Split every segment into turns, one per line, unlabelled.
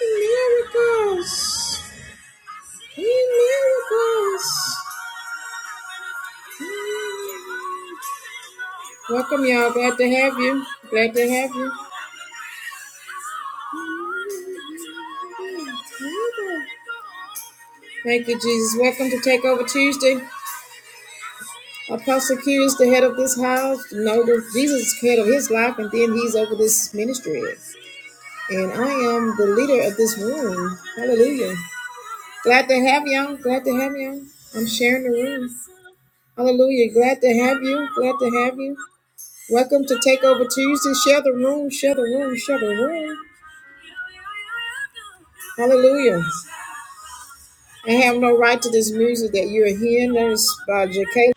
Miracles! Miracles! Welcome, y'all. Glad to have you. Glad to have you. Thank you, Jesus. Welcome to Takeover Tuesday. Apostle Q is the head of this house. No, Jesus is head of his life, and then he's over this ministry. And I am the leader of this room. Hallelujah. Glad to have y'all. Glad to have y'all. I'm sharing the room. Hallelujah. Glad to have you. Glad to have you. Welcome to Takeover Tuesday. Share the room, share the room, share the room. Hallelujah. I have no right to this music that you are hearing. That is by J.K.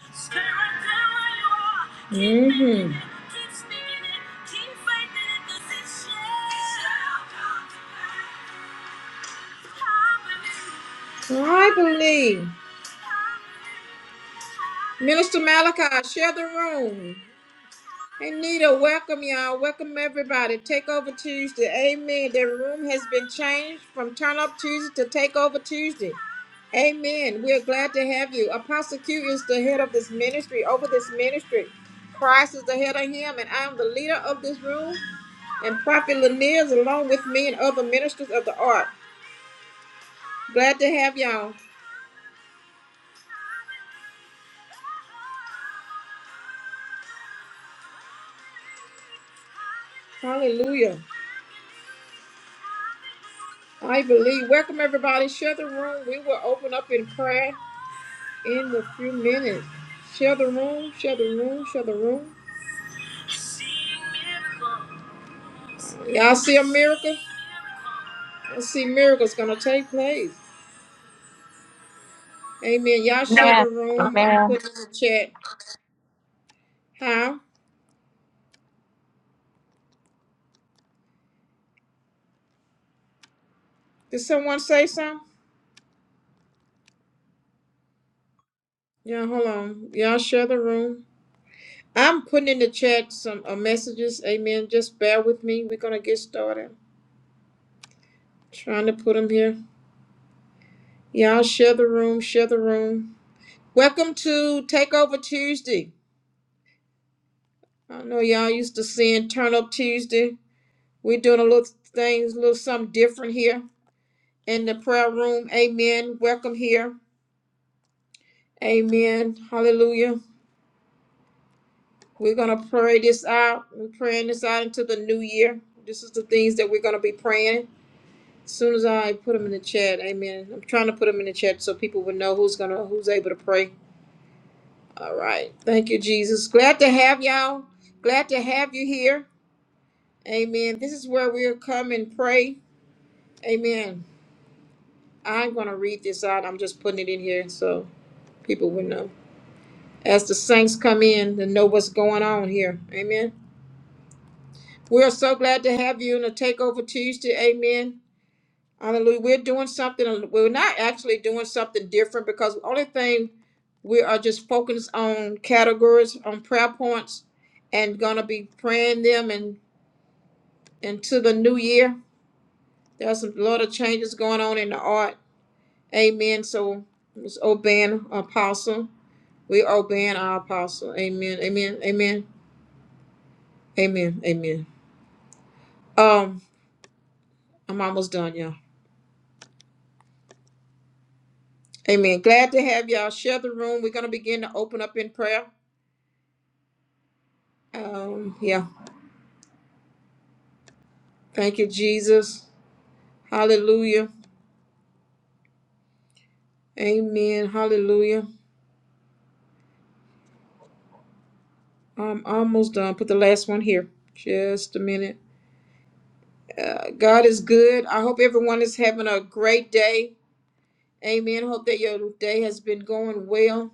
Mm-hmm. I believe. Minister Malachi, share the room. Hey Nita, welcome y'all. Welcome everybody. Takeover Tuesday. Amen. The room has been changed from Turn Up Tuesday to Takeover Tuesday. Amen. We're glad to have you. Apostle Q is the head of this ministry, over this ministry. Christ is the head of him, and I am the leader of this room. And Prophet Lanier is along with me and other ministers of the art. Glad to have y'all. Hallelujah. I believe. Welcome everybody. Share the room. We will open up in prayer. in a few minutes. Share the room, share the room, share the room. Y'all see a miracle? I see miracles gonna take place. Amen. Y'all share the
Amen.
room. I'm
Amen.
putting in the chat. How? Did someone say something? Yeah, hold on. Y'all share the room. I'm putting in the chat some uh, messages. Amen. Just bear with me. We're gonna get started. Trying to put them here. Y'all share the room. Share the room. Welcome to Takeover Tuesday. I know y'all used to seeing Turn Up Tuesday. We're doing a little things, a little something different here in the prayer room. Amen. Welcome here. Amen. Hallelujah. We're gonna pray this out. We're praying this out into the new year. This is the things that we're gonna be praying. As soon as I put them in the chat, Amen. I'm trying to put them in the chat so people will know who's gonna who's able to pray. All right. Thank you, Jesus. Glad to have y'all. Glad to have you here. Amen. This is where we'll come and pray. Amen. I'm going to read this out. I'm just putting it in here so people will know. As the saints come in to know what's going on here. Amen. We are so glad to have you in a Takeover Tuesday. Amen. Hallelujah. We're doing something, we're not actually doing something different because the only thing we are just focused on categories, on prayer points, and going to be praying them and into the new year. There's a lot of changes going on in the art Amen. So it's obeying apostle. We obeying our apostle. Amen. Amen. Amen. Amen. Amen. Um, I'm almost done, y'all. Amen. Glad to have y'all share the room. We're gonna begin to open up in prayer. Um, yeah. Thank you, Jesus. Hallelujah. Amen. Hallelujah. I'm almost done. Put the last one here. Just a minute. Uh, God is good. I hope everyone is having a great day. Amen. Hope that your day has been going well.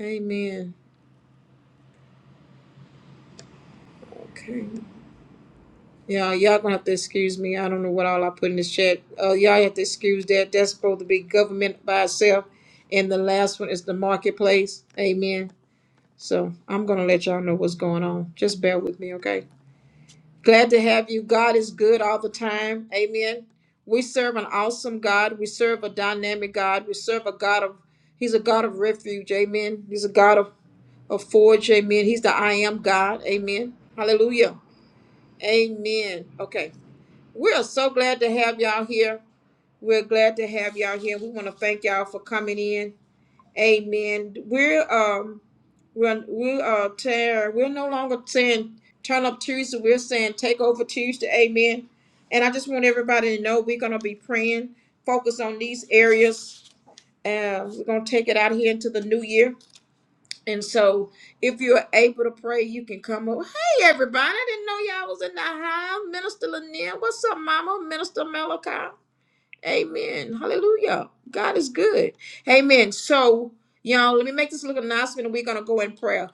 Amen. Okay. Yeah, y'all gonna have to excuse me. I don't know what all I put in this chat. Uh, y'all have to excuse that. That's supposed to be government by itself. And the last one is the marketplace. Amen. So I'm gonna let y'all know what's going on. Just bear with me, okay? Glad to have you. God is good all the time. Amen. We serve an awesome God. We serve a dynamic God. We serve a God of He's a God of refuge. Amen. He's a God of, of forge. Amen. He's the I am God. Amen. Hallelujah. Amen. Okay. We are so glad to have y'all here. We're glad to have y'all here. We want to thank y'all for coming in. Amen. We're um we're we are tear. We're no longer saying turn up Tuesday. We're saying take over Tuesday. Amen. And I just want everybody to know we're gonna be praying, focus on these areas. Uh, we're gonna take it out here into the new year. And so, if you're able to pray, you can come up. Hey, everybody! I didn't know y'all was in the house. Minister Lanier, what's up, Mama? Minister Malachi. Amen. Hallelujah. God is good. Amen. So, y'all, let me make this little announcement, and we're gonna go in prayer.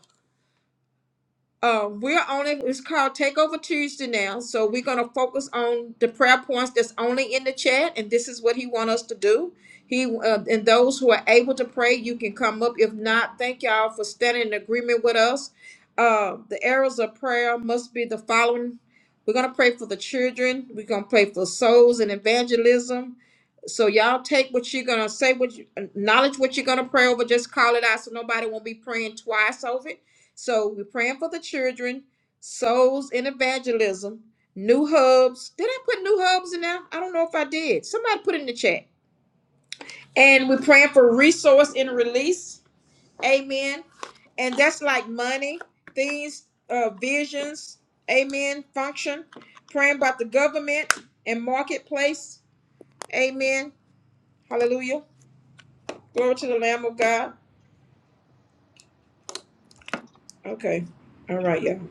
Um, we're only it's called Takeover Tuesday now, so we're gonna focus on the prayer points that's only in the chat, and this is what he want us to do. He uh, and those who are able to pray, you can come up. If not, thank y'all for standing in agreement with us. Uh, the areas of prayer must be the following: We're gonna pray for the children. We're gonna pray for souls and evangelism. So y'all take what you're gonna say, what you, acknowledge what you're gonna pray over. Just call it out, so nobody won't be praying twice over it so we're praying for the children, souls in evangelism, new hubs. Did I put new hubs in there? I don't know if I did. Somebody put it in the chat. And we're praying for resource and release. Amen. And that's like money, things, uh, visions. Amen. Function. Praying about the government and marketplace. Amen. Hallelujah. Glory to the Lamb of God. Okay. All right, y'all.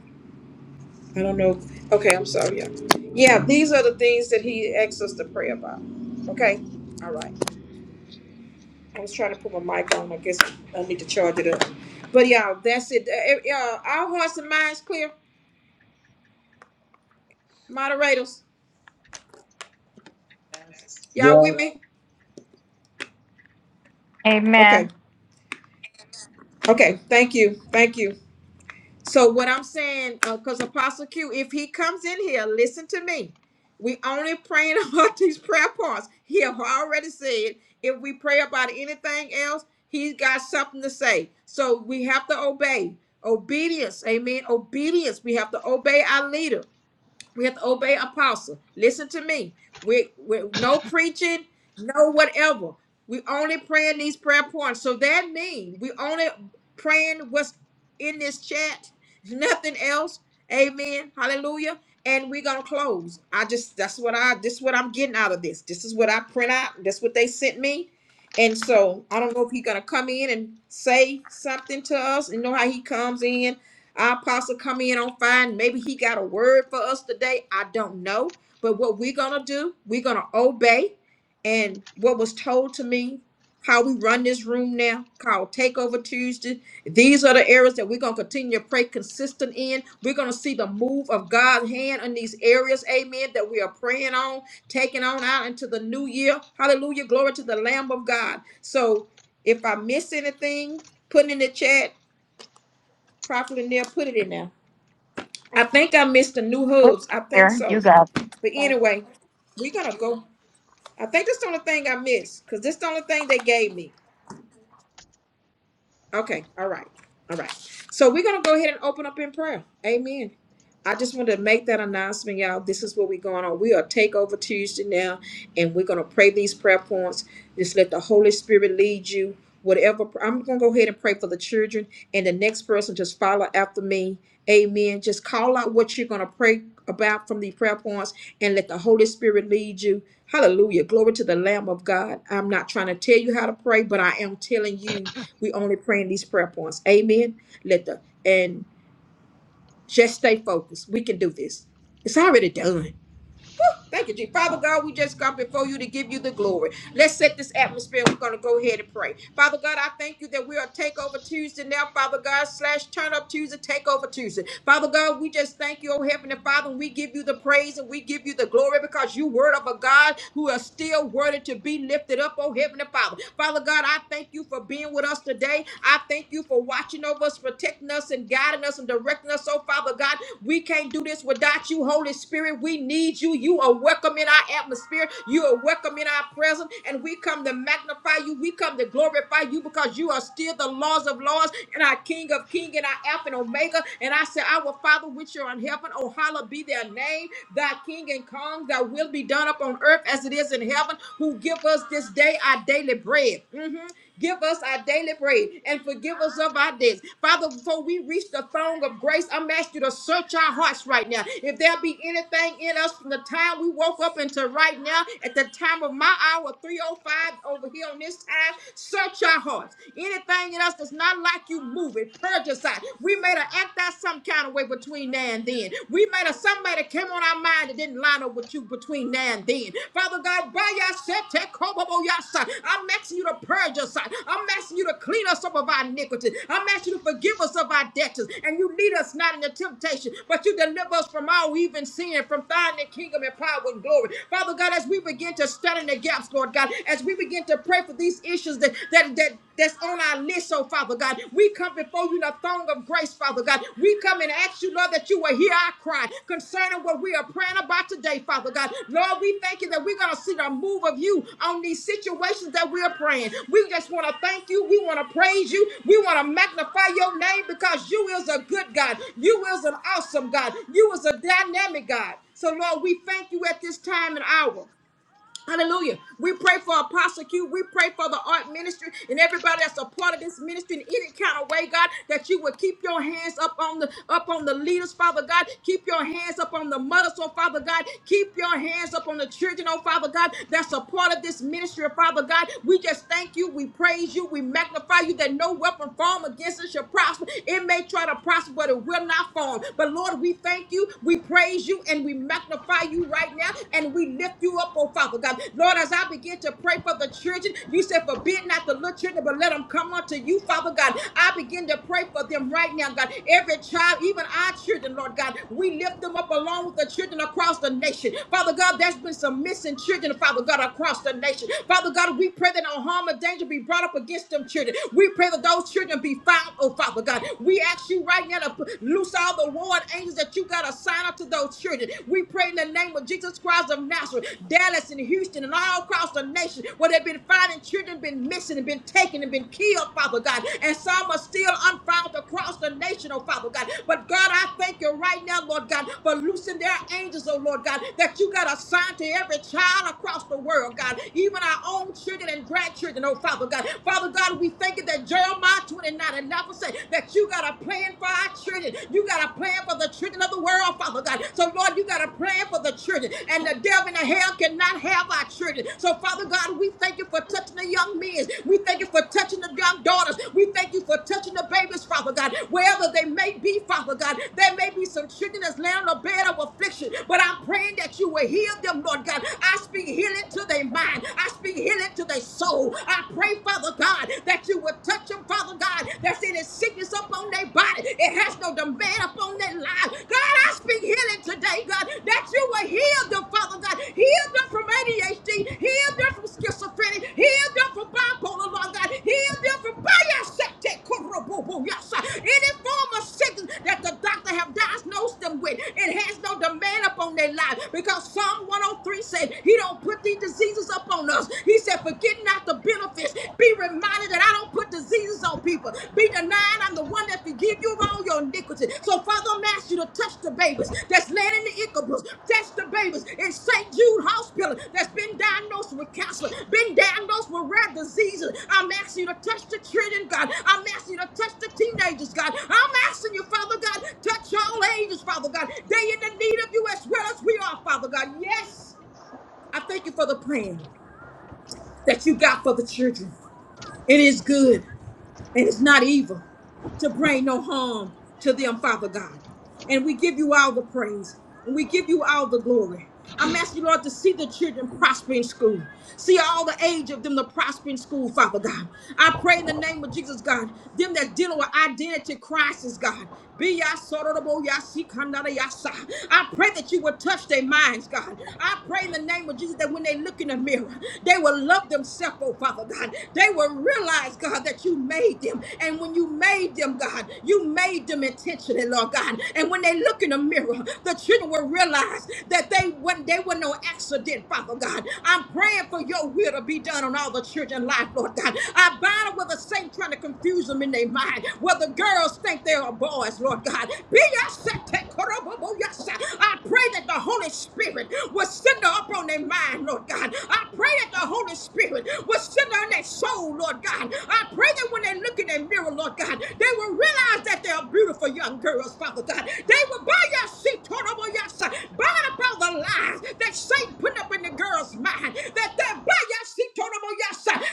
I don't know. Okay, I'm sorry. Yeah. yeah, these are the things that he asks us to pray about. Okay, all right. I was trying to put my mic on. I guess I need to charge it up. But y'all, that's it. Uh, eh, uh, our hearts and minds clear, moderators.
Yes.
Y'all with me? Okay,
Amen.
okay. Thank you. Thank you. So what I'm saying, because Apostle Q, if he comes in here, listen to me. We only praying about these prayer points. He have already said if we pray about anything else, he's got something to say. So we have to obey. Obedience, amen. Obedience. We have to obey our leader. We have to obey apostle. Listen to me. We, we no preaching, no whatever. We only praying these prayer points. So that means we only praying what's in this chat, nothing else. Amen. Hallelujah. And we're gonna close. I just that's what I this is what I'm getting out of this. This is what I print out. That's what they sent me. And so I don't know if he's gonna come in and say something to us. You know how he comes in our apostle come in on fire. and Maybe he got a word for us today. I don't know. But what we're gonna do, we're gonna obey. And what was told to me, how we run this room now, called Takeover Tuesday. These are the areas that we're gonna continue to pray consistent in. We're gonna see the move of God's hand in these areas, amen, that we are praying on, taking on out into the new year. Hallelujah. Glory to the Lamb of God. So if I miss anything, put it in the chat, Prophet in there, put it in there. I think I missed the new
It's
hubs. I think
Here, you
so.
got
But
it.
anyway, we're gonna go. I think that's the only thing I missed because this is the only thing they gave me. Okay, all right, all right. So we're gonna go ahead and open up in prayer. Amen. I just wanted to make that announcement, y'all. This is what we're going on. We are Takeover Tuesday now, and we're gonna pray these prayer points. Just let the Holy Spirit lead you. Whatever I'm gonna go ahead and pray for the children, and the next person just follow after me. Amen. Just call out what you're gonna pray about from the prayer points, and let the Holy Spirit lead you. Hallelujah. Glory to the Lamb of God. I'm not trying to tell you how to pray, but I am telling you we only praying these prayer points. Amen. Let the and just stay focused. We can do this. It's already done. Thank you, Jesus. Father God, we just come before you to give you the glory. Let's set this atmosphere. We're going to go ahead and pray. Father God, I thank you that we are Takeover Tuesday now, Father God, slash Turn Up Tuesday, Takeover Tuesday. Father God, we just thank you, oh Heavenly Father. and We give you the praise and we give you the glory because you, Word of a God, who are still worthy to be lifted up, oh Heavenly Father. Father God, I thank you for being with us today. I thank you for watching over us, protecting us, us and guiding us and directing us. So, Father God, we can't do this without you, Holy Spirit. We need you. You are welcome in our atmosphere. You are welcome in our presence. And we come to magnify you. We come to glorify you because you are still the laws of laws and our King of King and our Alpha and Omega. And I say, Our Father, which are in heaven, oh, hallowed be their name, thy King and Kong, thy will be done upon earth as it is in heaven, who give us this day our daily bread. Mhm. Give us our daily bread and forgive us of our debts. Father, before we reach the throne of grace, I'm asking you to search our hearts right now. If there be anything in us from the time we woke up until right now, at the time of my hour, 305 over here on this time, search our hearts. Anything in us that's not like you, move it. Purge us out. We made an act out some kind of way between now and then. We made a somebody came on our mind line that didn't line up with you between now and then. Father God, by your set, take hope of your side. I'm asking you to purge us. I'm asking you to clean us up of our iniquity. I'm asking you to forgive us of our debts. And you lead us not into temptation, but you deliver us from all evil sin, from thine the kingdom and power and glory. Father God, as we begin to stand in the gaps, Lord God, as we begin to pray for these issues that that that that's on our list, oh Father God. God. We come before you in the throne of grace, Father God. We come and ask you, Lord, that you will hear our cry concerning what we are praying about today, Father God. Lord, we thank you that we're going to see the move of you on these situations that we are praying. We just want to thank you. We want to praise you. We want to magnify your name because you is a good God. You is an awesome God. You is a dynamic God. So, Lord, we thank you at this time and hour. Hallelujah. We pray for Apostle Q. We pray for the art ministry and everybody that's a part of this ministry in any kind of way, God, that you would keep your hands up on the up on the leaders, Father God. Keep your hands up on the mothers, oh Father God. Keep your hands up on the children, oh Father God, that's a part of this ministry, oh, Father God. We just thank you. We praise you. We magnify you that no weapon formed against us shall prosper. It may try to prosper, but it will not form. But Lord, we thank you. We praise you and we magnify magnify you right now and we lift you up, oh Father God. Lord, as I begin to pray for the children, you said, forbid not the little children, but let them come unto you, Father God. I begin to pray for them right now, God. Every child, even our children, Lord God, we lift them up along with the children across the nation. Father God, there's been some missing children, Father God, across the nation. Father God, we pray that no harm or danger be brought up against them children. We pray that those children be found, oh Father God. We ask you right now to loose all the war angels that you got assigned up to those children. We pray in the name of Jesus Christ of Nazareth, Dallas and Houston and all across the nation where they've been finding children, been missing and been taken and been killed, Father God. And some are still unfound across the nation, oh Father God. But God, I thank you right now, Lord God, for loosing their angels, oh Lord God, that you got assigned to every child across the world, God, even our own children and grandchildren, oh Father God. Father God, we thank you that Jeremiah 29 and 11 said that that you got a plan for our children. You got a plan for the children of the world, Father God. So, Lord, you got a plan for the children, and the devil and the hell cannot have our children. So, Father God, we thank you for touching the young men. We thank you for touching the young daughters. We thank you for touching the babies, Father God, wherever they may be, Father God. There may be some children that's laying on a bed of affliction, but I'm praying that you will heal them, Lord God. I speak healing to their mind. I speak healing to their soul. I pray, Father God, that that you would touch them, Father God, that's any sickness up on their body. It has no demand upon their life. God, I speak healing today, God, that you will heal them, Father God. Heal them from ADHD, heal them from schizophrenia, heal them from bipolar, Lord God, heal them from bias- any form of sickness that the doctor have diagnosed them with. It has no demand upon their life because Psalm 103 says he don't put these diseases upon us. He he said, forgetting not the benefits. Be reminded that I don't put diseases on people. Be denying I'm the one that forgive you of all your iniquity. So, Father, I'm asking you to touch the babies that's laying in the incubus. Touch the babies in St. Jude Hospital that's been diagnosed with cancer, been diagnosed with rare diseases. I'm asking you to touch the children, God. I'm asking you to touch the teenagers, God. I'm asking you, Father God, touch all ages, Father God. They in the need of you as well as we are, Father God. Yes, I thank you for the plan that you got for the children. It is good and it's not evil to bring no harm to them, Father God. And we give you all the praise and we give you all the glory. I'm asking you, Lord, to see the children prosper in school. See all the age of them to prosper in school, Father God. I pray in the name of Jesus, God, them that dealing with identity crisis, God. Be ya sororable, ya see, kanada, ya sa. I pray that you will touch their minds, God. I pray in the name of Jesus that when they look in the mirror, they will love themselves, oh Father God. They will realize, God, that you made them. And when you made made them, God. You made them intentionally, Lord God. And when they look in the mirror, the children will realize that they when they were no accident, Father God. I'm praying for your will to be done on all the children's life, Lord God. I bind up with the saint trying to confuse them in their mind. Where the girls think they are boys, Lord God. Be your I pray that the Holy Spirit will send her up on their mind, Lord God. I pray that the Holy Spirit will send her on their soul, Lord God. I pray that when they look in their mirror, Lord Lord God. They will realize that they are beautiful young girls, Father God. They will buy your seat, Torah, burn up all the lies that Satan put up in the girl's mind. That they're by your seat, Torah,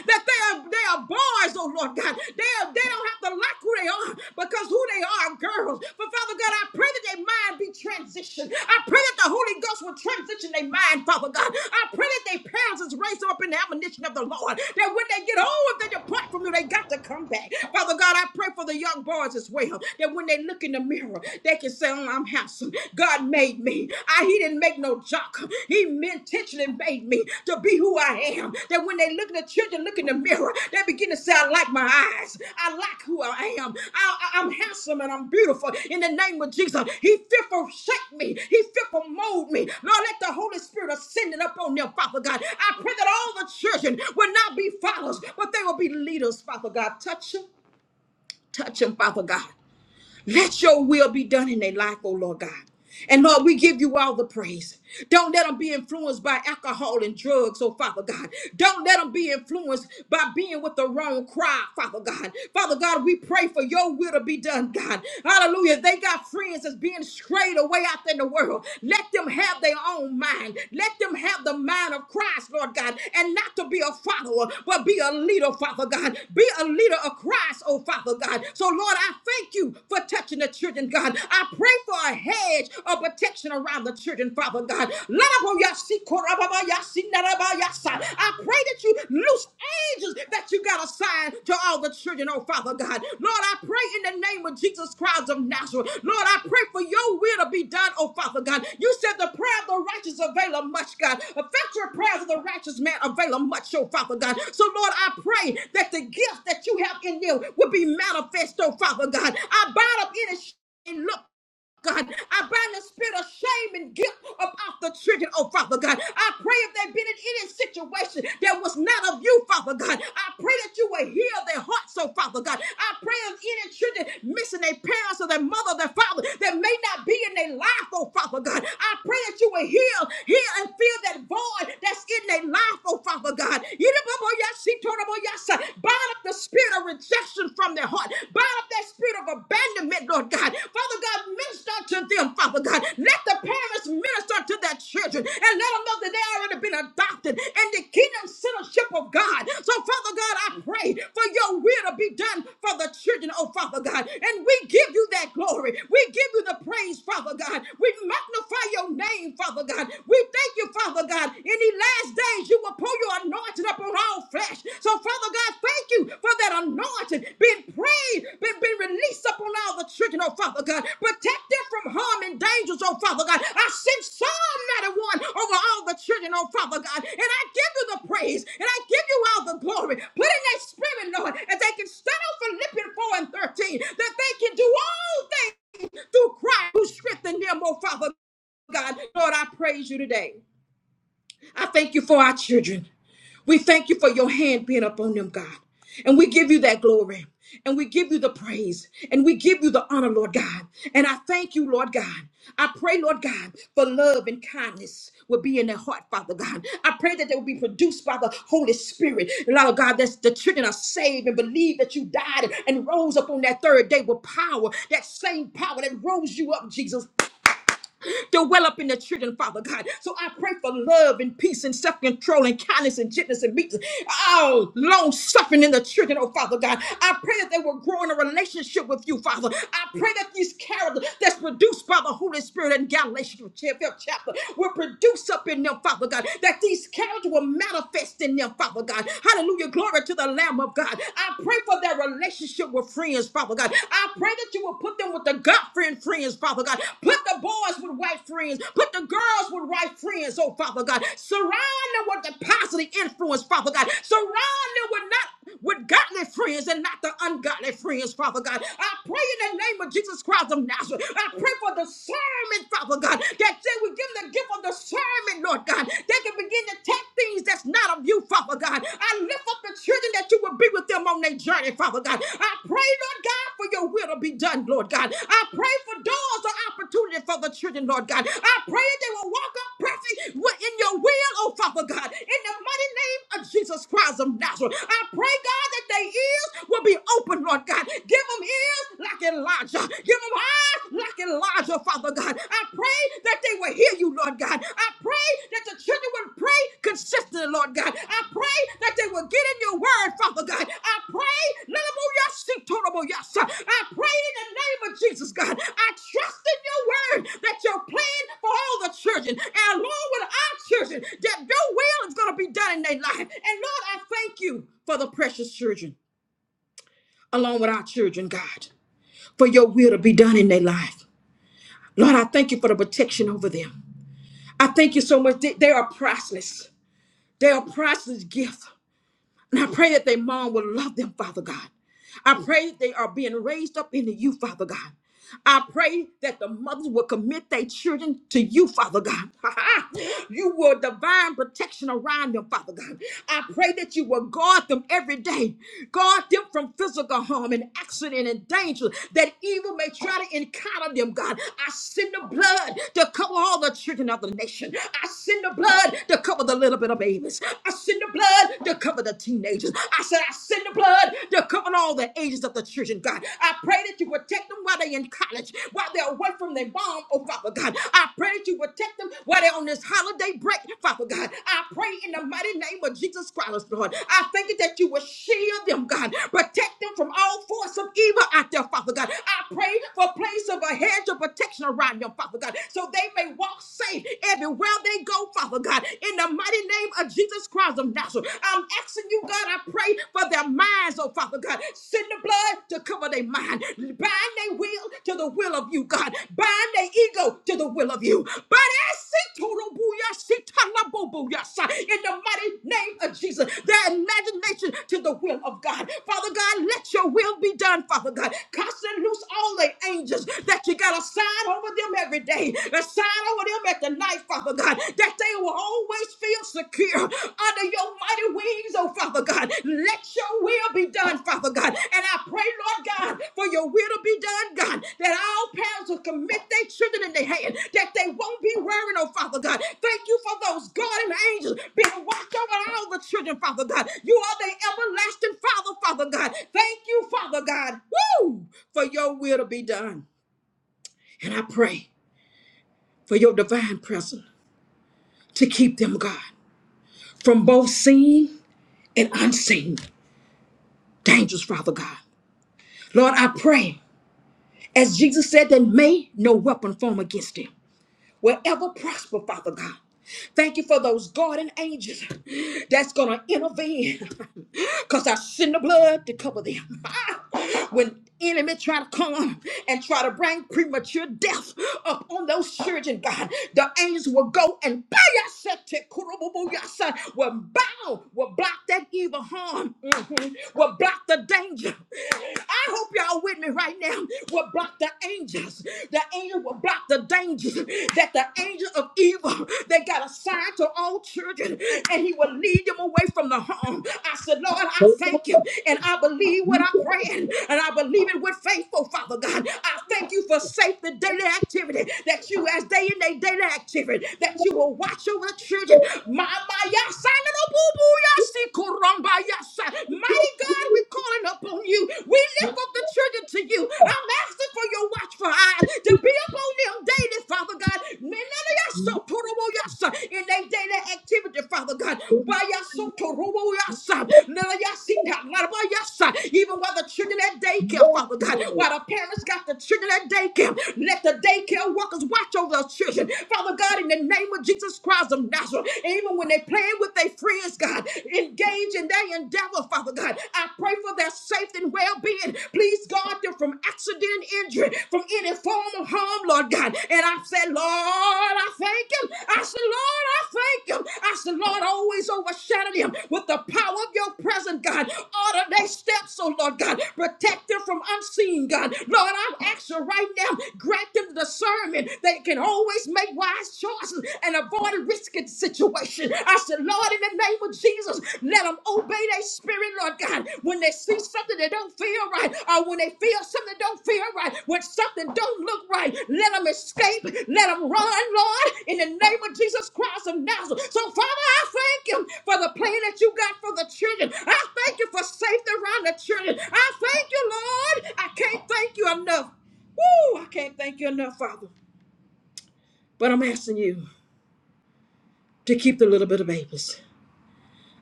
that they are they are boys, oh Lord God. They are, they don't have to like who they are because who they are are girls. But Father God, I pray that their mind be transitioned. I pray that the Holy Ghost will transition their mind, Father God. I pray that their parents is raised up in the admonition of the Lord. That when they get old, if they depart from you, they got to come back. Father God, Oh God, I pray for the young boys as well. That when they look in the mirror, they can say, oh, I'm handsome. God made me. I he didn't make no jock. He intentionally made me to be who I am. That when they look at the children, look in the mirror, they begin to say, I like my eyes. I like who I am. I, I- I'm handsome and I'm beautiful. In the name of Jesus, He fearful shake me. He fearful mold me. Lord, let the Holy Spirit ascend it up on them, Father God. I pray that all the children will not be followers, but they will be leaders, Father God. Touch them. Touch them, Father God. Let your will be done in their life, oh Lord God. And Lord, we give you all the praise. Don't let them be influenced by alcohol and drugs, oh Father God. Don't let them be influenced by being with the wrong crowd, Father God. Father God, we pray for your will to be done, God. Hallelujah. They got friends that's being strayed away out there in the world. Let them have their own mind mind. Let them have the mind of Christ, Lord God, and not to be a follower, but be a leader, Father God. Be a leader of Christ, oh Father God. So, Lord, I thank you for touching the children, God. I pray for a hedge of protection around the children, Father God. I pray that you loose angels that you got assigned assigned to all the children, oh Father God. Lord, I pray in the name of Jesus Christ of Nazareth. Lord, I pray for your will to be done, oh Father God. You said the prayer of the righteous availeth much, God. Effectual prayers of the righteous man availeth much, oh Father God. So, Lord, I pray that the gift that you have in you will be manifest, oh Father God. I bind up any sh- and look. God. I bind the spirit of shame and guilt up off the children, oh Father God. I pray if they've been in any situation that was not of you, Father God. I pray that you will heal their hearts, oh Father God. I pray if any children missing their parents or their mother, or their father that may not be in their life, oh Father God. I pray that you will heal, heal and fill that void that's in their life, oh Father God. Bind up the spirit of rejection rejection from their heart. Bind up that spirit of abandonment, Lord God. Father God, minister to them, Father God. Let the parents minister to their children and let them know that they already been adopted in the kingdom citizenship of God. So, Father God, I pray for your will to be done for the children, oh Father God. And we give you that glory. We give you the praise, Father God. We magnify your name, Father God. We thank you, Father God. In the last days, you will pour your anointing upon all flesh. So, Father God, thank you you for that anointing being prayed, been, been released upon all the children, oh Father God. Protect them from harm and dangers, oh Father God. I send Psalm 91 over all the children, oh Father God. And I give you the praise and I give you all the glory. Put in their spirit, Lord, and they can stand on Philippians 4 and 13, that they can do all things through Christ who strengthened them, oh Father God. Lord, I praise you today. I thank you for our children. We thank you for your hand being upon them, God. And we give you that glory. And we give you the praise. And we give you the honor, Lord God. And I thank you, Lord God. I pray, Lord God, for love and kindness will be in their heart, Father God. I pray that they will be produced by the Holy Spirit. Lord God, that the children are saved and believe that you died and rose up on that third day with power, that same power that rose you up, Jesus to well up in the children, Father God. So I pray for love and peace and self control and kindness and gentleness and meekness. Oh, long suffering in the children, oh Father God. I pray that they will grow in a relationship with you, Father. I pray that these characters that's produced by the Holy Spirit in Galatians fifth chapter will produce up in them, Father God, that these characters will manifest in them, Father God. Hallelujah. Glory to the Lamb of God. I pray for their relationship relationship with friends, Father God. I pray that you will put them with the God friend friends, Father God. Put the boys with right friends. Put the girls with right friends, oh Father God. Surround them with the positive influence, Father God. Surround them with not with godly friends and not the ungodly friends, Father God. I pray in the name of Jesus Christ of Nazareth. I pray for discernment, Father God, that they would give them the gift of discernment, Lord God. They can begin to take things that's not of you, Father God. I lift up the children that you will be with them on their journey, Father God. I pray, Lord God, for your will to be done, Lord God. I pray for doors of opportunity for the children, Lord God. I pray they will walk up perfect in your will, oh Father God. In the mighty name of Jesus Christ of Nazareth, I pray, God, that their ears will be open, Lord God. Give them ears like Elijah. Give them eyes like Elijah, Father God. I pray pray that they will hear you, Lord God. I pray that the children will pray consistently, Lord God. I pray that they will get in your word, Father God. I pray, yes. I pray in the name of Jesus, God. I trust in your word that your plan for all the children and along with our children, that your will is going to be done in their life. And Lord, I thank you for the precious children along with our children, God, for your will to be done in their life. Lord, I thank you for the protection over them. I thank you so much. They they are priceless. They are priceless gifts. And I pray that their mom will love them, Father God. I pray that they are being raised up into you, Father God. I pray that the mothers will commit their children to you, Father God. you will divine protection around them, Father God. I pray that you will guard them every day. Guard them from physical harm and accident and danger that evil may try to encounter them, God. I send the blood to cover all the children of the nation. I send the blood to cover the little bit of babies. I send the blood to cover the over the teenagers. I said, I send the blood to cover all the ages of the children, God. I pray that you protect them while they're in college, while they're away from their mom, oh Father God. I pray that you protect them while they're on this holiday break, Father God. I pray in the mighty name of Jesus Christ, Lord. I thank you that you will shield them, God. Protect them from all force of evil out there, Father God. I pray for a place of a hedge of protection around them, Father God, so they may walk safe everywhere they go, Father God. In in the mighty name of Jesus Christ of Nazareth. I'm asking you, God, I pray for their minds, oh Father God. Send the blood to cover their mind. Bind their will to the will of you, God. Bind their ego to the will of you. But as in the mighty name of Jesus. Their imagination to the will of God. Father God, let your will be done, Father God. Cast and loose all the angels that you got a sign over them every day. Assign over them at the night, Father God, that they will always feel secure under your mighty wings, oh Father God. Let your will be done, Father God. And I pray, Lord God, for your will to be done, God, that all parents will commit their children in their hand, that they won't be worrying. oh Father God. Thank you for those guardian angels being watched over all the children, Father God. You are the everlasting Father, Father God. Thank you, Father God, woo, for your will to be done. And I pray for your divine presence to keep them, God, from both seen and unseen dangers, Father God. Lord, I pray, as Jesus said, that may no weapon form against them. will ever prosper, Father God. Thank you for those guardian angels that's going to intervene because I send the blood to cover them. when enemy try to come and try to bring premature death upon those children, God, the angels will go and bow will bow, will block that evil harm, mhm, will block the danger. I hope y'all with me right now. Will block the the angels. The angel will block the dangers that the angel of evil they got assigned to all children, and he will lead them away from the home. I said, Lord, I thank him, and I believe what I'm praying, and I believe it with faith, oh Father God. I thank you for safe the daily activity that you, as day in day daily activity, that you will watch over the children. My, my, yes, I know, boo, boo, yes, he, kurumba, yes, I- mighty God, we calling upon on you. We lift up the children to you. I'm asking for your watchful eyes to be upon them daily, Father God. Men of your soul, total will your son In their daily activity, Father God. By your soul, total will your son? None of your sin, God, not by your son. Even while the children at daycare, Father God, while the parents got the children at daycare, let the daycare workers watch over those children. Father God, in the name of Jesus Christ of Nazareth, And even when they playing with their friends, God, in Engage in their endeavor, Father God. I pray for their safety and well being. Please guard them from accident, injury, from any form of harm, Lord God. And I said, Lord, I thank him. I said, Lord, I thank him. I said, Lord, always overshadow them with the power of your presence, God. Order their steps, oh Lord God. Protect them from unseen, God. Lord, I'm asking right now, grant them discernment. They can always make wise choices and avoid biscuit situation. I said, Lord, in the name of Jesus, let them obey their spirit, Lord God. When they see something that don't feel right, or when they feel something that don't feel right, when something don't look right, let them escape, let them run, Lord, in the name of Jesus Christ of Nazareth. So, Father, I thank you for the plan that you got for the children. I thank you for safety around the children. I thank you, Lord. I can't thank you enough. Woo! I can't thank you enough, Father. But I'm asking you to keep the little bit of babies.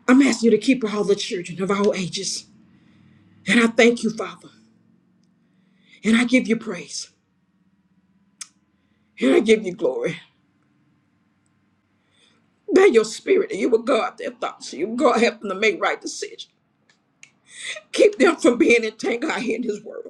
I'm asking you to keep all the children of all ages. And I thank you, Father. And I give you praise. And I give you glory. By your spirit, and you will guard their thoughts. You will guard help them to make right decisions. Keep them from being entangled out here in this world.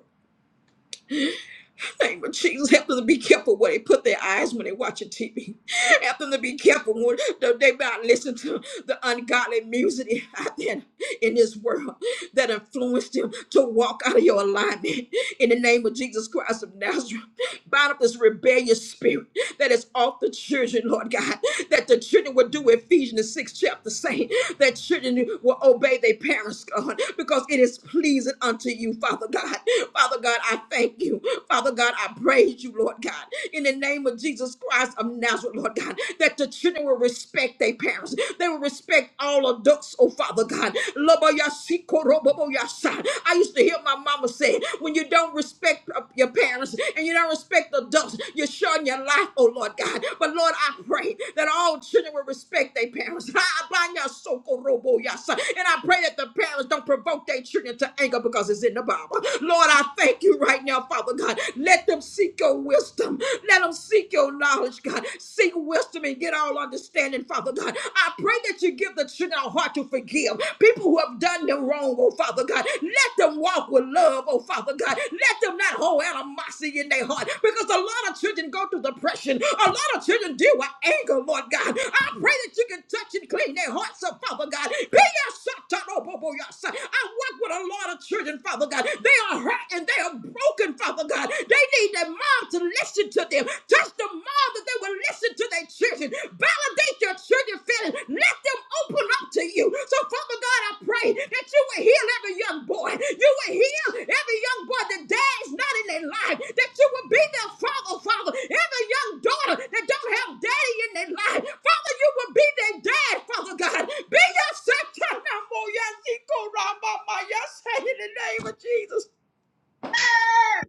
name of Jesus. Help them to be careful where they put their eyes when they watching TV. Help them to be careful when that they not listen to the ungodly music out there in this world that influenced them to walk out of your alignment. In the name of Jesus Christ of Nazareth, bind up this rebellious spirit that is off the children, Lord God, that the children would do Ephesians six chapter saying that children will obey their parents, God, because it is pleasing unto you, Father God. Father God, I thank you you. Father God, I praise you, Lord God, in the name of Jesus Christ of Nazareth, Lord God, that the children will respect their parents. They will respect all adults, oh Father God. Loboyasikoroboboyasa. I used to hear my mama say, when you don't respect uh, your parents and you don't respect adults, you're showing your life, oh Lord God. But Lord, I pray that all children will respect their parents. Ha, Abanyasokoroboyasa. And I pray that the parents don't provoke their children to anger because it's in the Bible. Lord, I thank you right right now, Father God. Let them seek your wisdom. Let them seek your knowledge, God. Seek wisdom and get all understanding, Father God. I pray that you give the children a heart to forgive people who have done them wrong, oh Father God. Let them walk with love, oh Father God. Let them not hold animosity in their heart because a lot of children go through depression. A lot of children deal with anger, Lord God. I pray that you can touch and clean their hearts up, Father God. Be your son, Tanobobo, your son. I work with a lot of children, Father God. They are hurt and they are broken, Father God. They need their mom to listen to them. Touch the mom that they will listen to their children. Validate their children feelings. Let them open up to you. So, Father God, I pray that you will heal every young boy. You will heal every young boy that dad is not in their life. That you will be their father, Father. Every young daughter that don't have daddy in their life. Father, you will be their dad, Father God. Be your Satan. I'm more Yes, he go round my mind. Yes, say in the name of Jesus.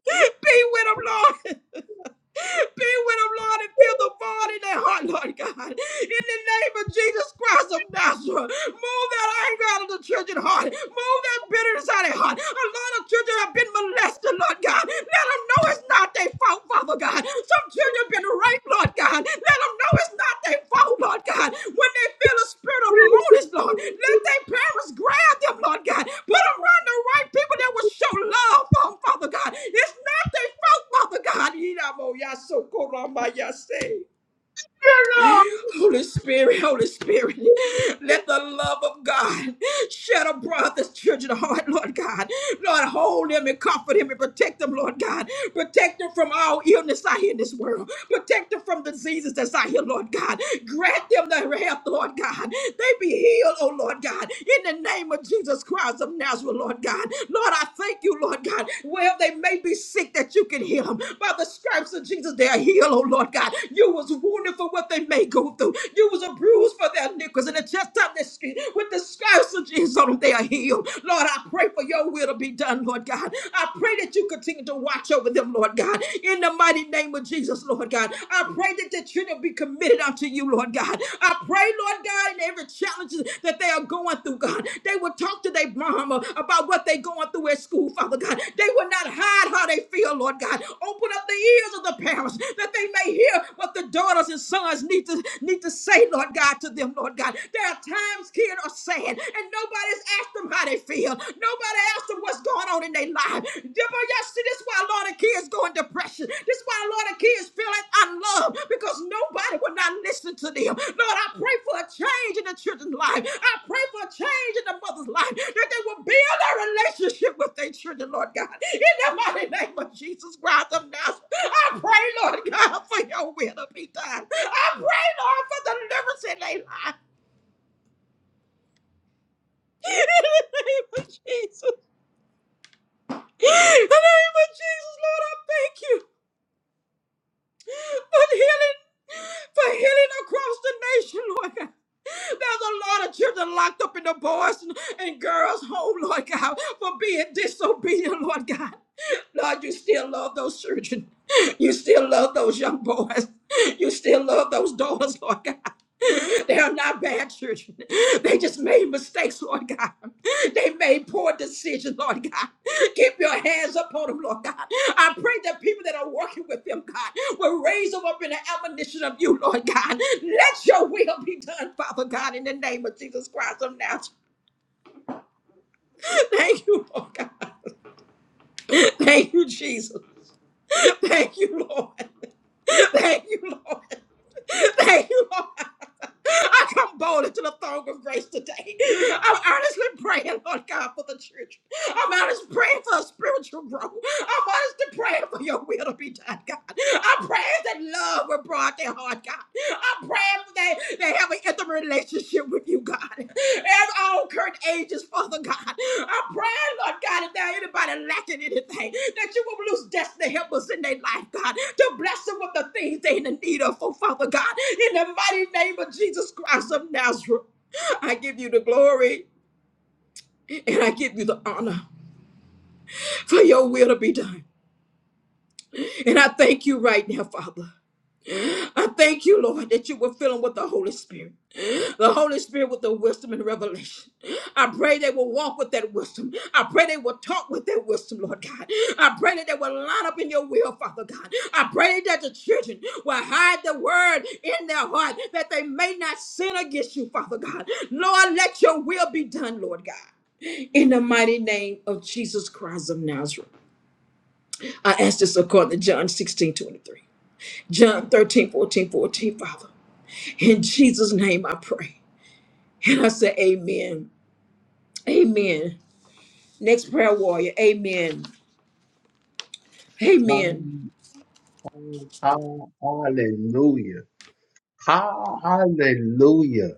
Be with them, Lord. Be with them, Lord, and fill the void in their heart, Lord God. In the name of Jesus Christ of Nazareth, move that anger out of the children's heart. Move that bitterness out of their heart. A lot of children have been molested, Lord God. Let them know it's not their fault, Father God. Some children have been in the right, Lord God. Let them know it's not their fault, Lord God. When they feel a spirit of loneliness, Lord, let their parents grab them, Lord God. Put them around the right people that will show love for them, Father God. It's not their fault, Father God. Yidabo yasokoramba yase. Holy Spirit, Holy Spirit, let the love of God shed abroad this children's heart, Lord God. Lord, hold them and comfort them and protect them, Lord God. Protect them from all illness out here in this world. Protect them from diseases that's out here, Lord God. Grant them their health, Lord God. They be healed, oh Lord God. In the name of Jesus Christ of Nazareth, Lord God. Lord, I thank you, Lord God. Well, they may be sick that you can heal them. By the stripes of Jesus, they are healed, oh Lord God. You was wounded for what they may go through. You was a bruise for their nickels and the chest of the street. With the stripes of Jesus on them, they are healed. Lord, I pray for your will to be done, Lord God. I pray that you continue to watch over them, Lord God. In the mighty name of Jesus, Lord God. I pray that the children be committed unto you, Lord God. I pray pray, Lord God, in every challenge that they are going through, God. They will talk to their mama about what they're going through at school, Father God. They will not hide how they feel, Lord God. Open up the ears of the parents that they may hear what the daughters and sons need to need to say, Lord God, to them, Lord God. There are times kids are sad, and nobody's asked them how they feel. Nobody asked them what's going on in their life. See, this is why a lot of kids go in depression. This is why a lot of kids feel like unloved because nobody will not listen to them. Lord, I pray for a change in the children's life. I pray for a change in the mother's life that they will build a relationship with their children, Lord God. In the mighty name of Jesus Christ of Nazareth, I pray, Lord God, for your will to be done. I pray, Lord, for deliverance in their life. In the name of Jesus. In the name of Jesus, Lord, I thank you. For healing, for healing across the nation, Lord God. There's a lot of children locked up in the boys and and girls' home, Lord God, for being disobedient, Lord God. Lord, you still love those children. You still love those young boys. You still love those daughters, Lord God. They are not bad children. They just made mistakes, Lord God. They made poor decisions, Lord God. Keep your hands upon them, Lord God. I pray that people that are working with them, God, will raise them up in the admonition of you, Lord God. Let your will be done, Father God, in the name of Jesus Christ of Nazareth. Thank you, Lord God. Thank you, Jesus. Thank you, Lord. Thank you, Lord. Thank you, Lord. I come boldly to the throne of grace today. I'm earnestly praying, Lord God, for the church. I'm honest praying for a spiritual growth. I'm honest praying for your will to be done, God. I'm praying that love will broad their heart, God. I'm praying that they have an intimate relationship with you, God. And all current ages, Father God. I'm praying, Lord God, if there anybody lacking anything, that you will loose destiny helpers in their life, God, to bless them with the things they in the need of, oh Father God. In the mighty name of Jesus Christ of Nazareth, I give you the glory and I give you the honor for your will to be done. And I thank you right now, Father. I thank you, Lord, that you will fill them with the Holy Spirit. The Holy Spirit with the wisdom and revelation. I pray they will walk with that wisdom. I pray they will talk with that wisdom, Lord God. I pray that they will line up in your will, Father God. I pray that the children will hide the word in their heart that they may not sin against you, Father God. Lord, let your will be done, Lord God. In the mighty name of Jesus Christ of Nazareth. I ask this according to John 16 23, John 13 14 14 Father. In Jesus' name I pray. And I say, Amen. Amen. Next prayer warrior. Amen. Amen.
Um, oh, hallelujah. Ha, hallelujah.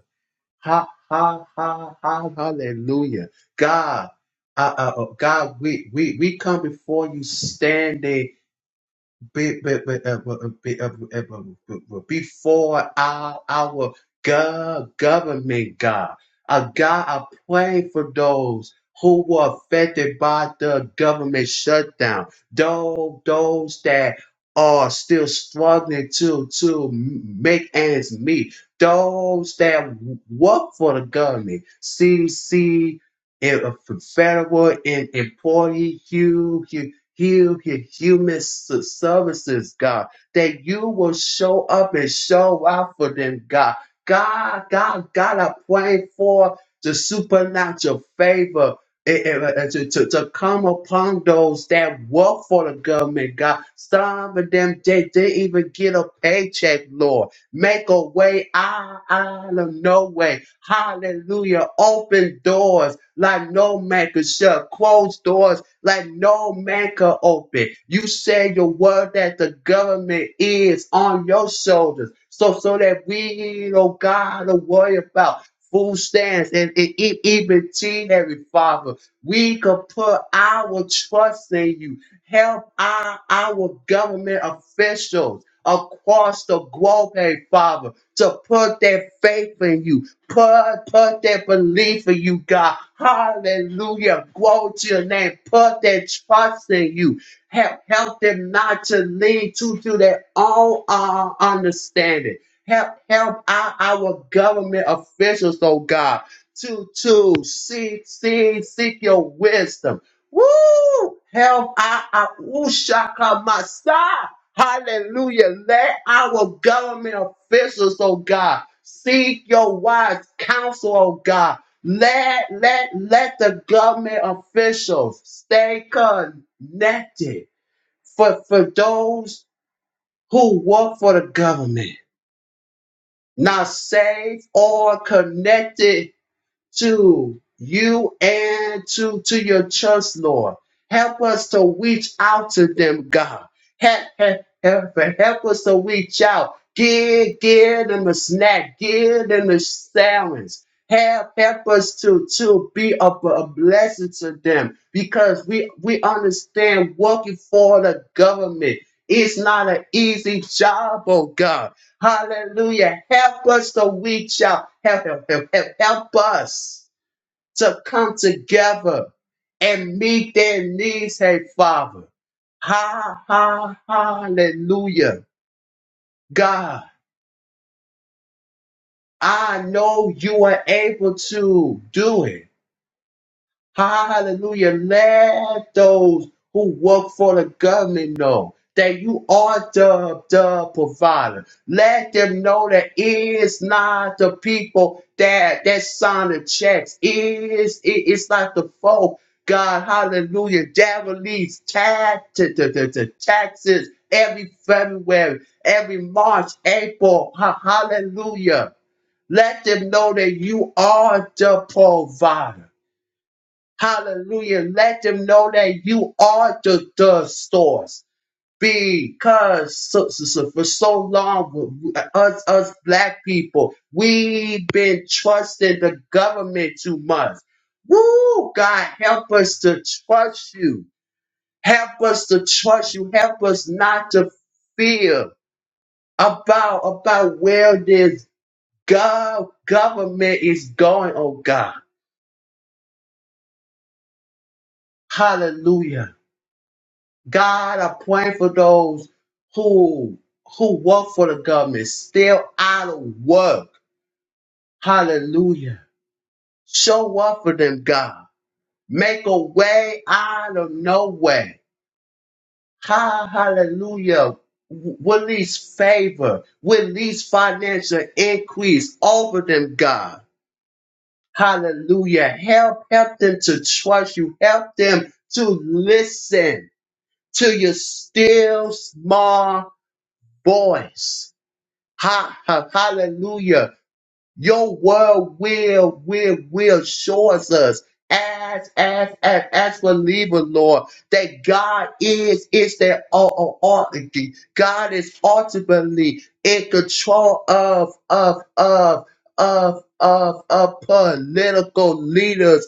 Ha, ha, ha, ha, hallelujah. God, uh, uh, uh, God, we, we, we come before you standing be, be, be, uh, well, uh, be, uh, uh, uh, before our, our go- government, God. Uh, God, I pray for those who were affected by the government shutdown, those, those that are still struggling to, to make ends meet, those that work for the government, CDC, uh, federal and employee, heal your human s- services, God, that you will show up and show out for them, God. God, God, God, I pray for the supernatural favor eh, eh, eh, eh, to, to, to come upon those that work for the government, God. Some of them, they didn't even get a paycheck, Lord. Make a way out, out of no way. Hallelujah. Open doors like no man could shut. Close doors let no man can open. You said your word that the government is on your shoulders. So so that we, oh God, to worry about food stamps and, and e- even Heavenly Father. We can put our trust in you. Help our, our government officials across the globe, hey Father, to put their faith in you Put, put that belief in you, God. Hallelujah. Glory to your name. Put that trust in you. Help, help them not to lean to, to their own uh, understanding. Help, help our, our government officials, oh God, to, to seek, seek, seek your wisdom. Woo! Help our, our, ooh, shaka Hallelujah. Let our government officials, oh God, seek your wise counsel, oh God. Let let let the government officials stay connected for, for those who work for the government, not safe or connected to you and to, to your church, Lord. Help us to reach out to them, God. Help, help, help, help us to reach out. Give, give them a snack. Give them a sandwich. Help, help us to, to be a, a blessing to them because we, we understand working for the government. It's not an easy job, oh God. Hallelujah. Help us to reach out. Help, help, help, help, help us to come together and meet their needs, hey Father. Ha, ha, hallelujah. God, I know you are able to do it. Hallelujah. Let those who work for the government know that you are the, the provider. Let them know that it's not the people that that sign the checks. It's, it, it's not the folk, God, hallelujah, that release tax, t- t- t- t- taxes every February, every March, April, ha- hallelujah. Let them know that you are the provider. Hallelujah. Let them know that you are the, the source. Because so, so, so- for so long, us, us black people, we've been trusting the government too much. Woo! God, help us to trust you. Help us to trust you. Help us not to fear about, about where this gov- government is going, oh God. Hallelujah. God, I pray for those who who work for the government, still out of work. Hallelujah. Show up for them, God. Make a way out of no way. Ha- Hallelujah. W- Release favor. Release financial increase over them, God. Hallelujah. Help, help them to trust you. Help them to listen to your still small voice. Ha, ha, hallelujah. Your word will, will, will show us us as, as, as, as believers, Lord, that God is, is their all authority. God is ultimately in control of, of, of, of, of, of political leaders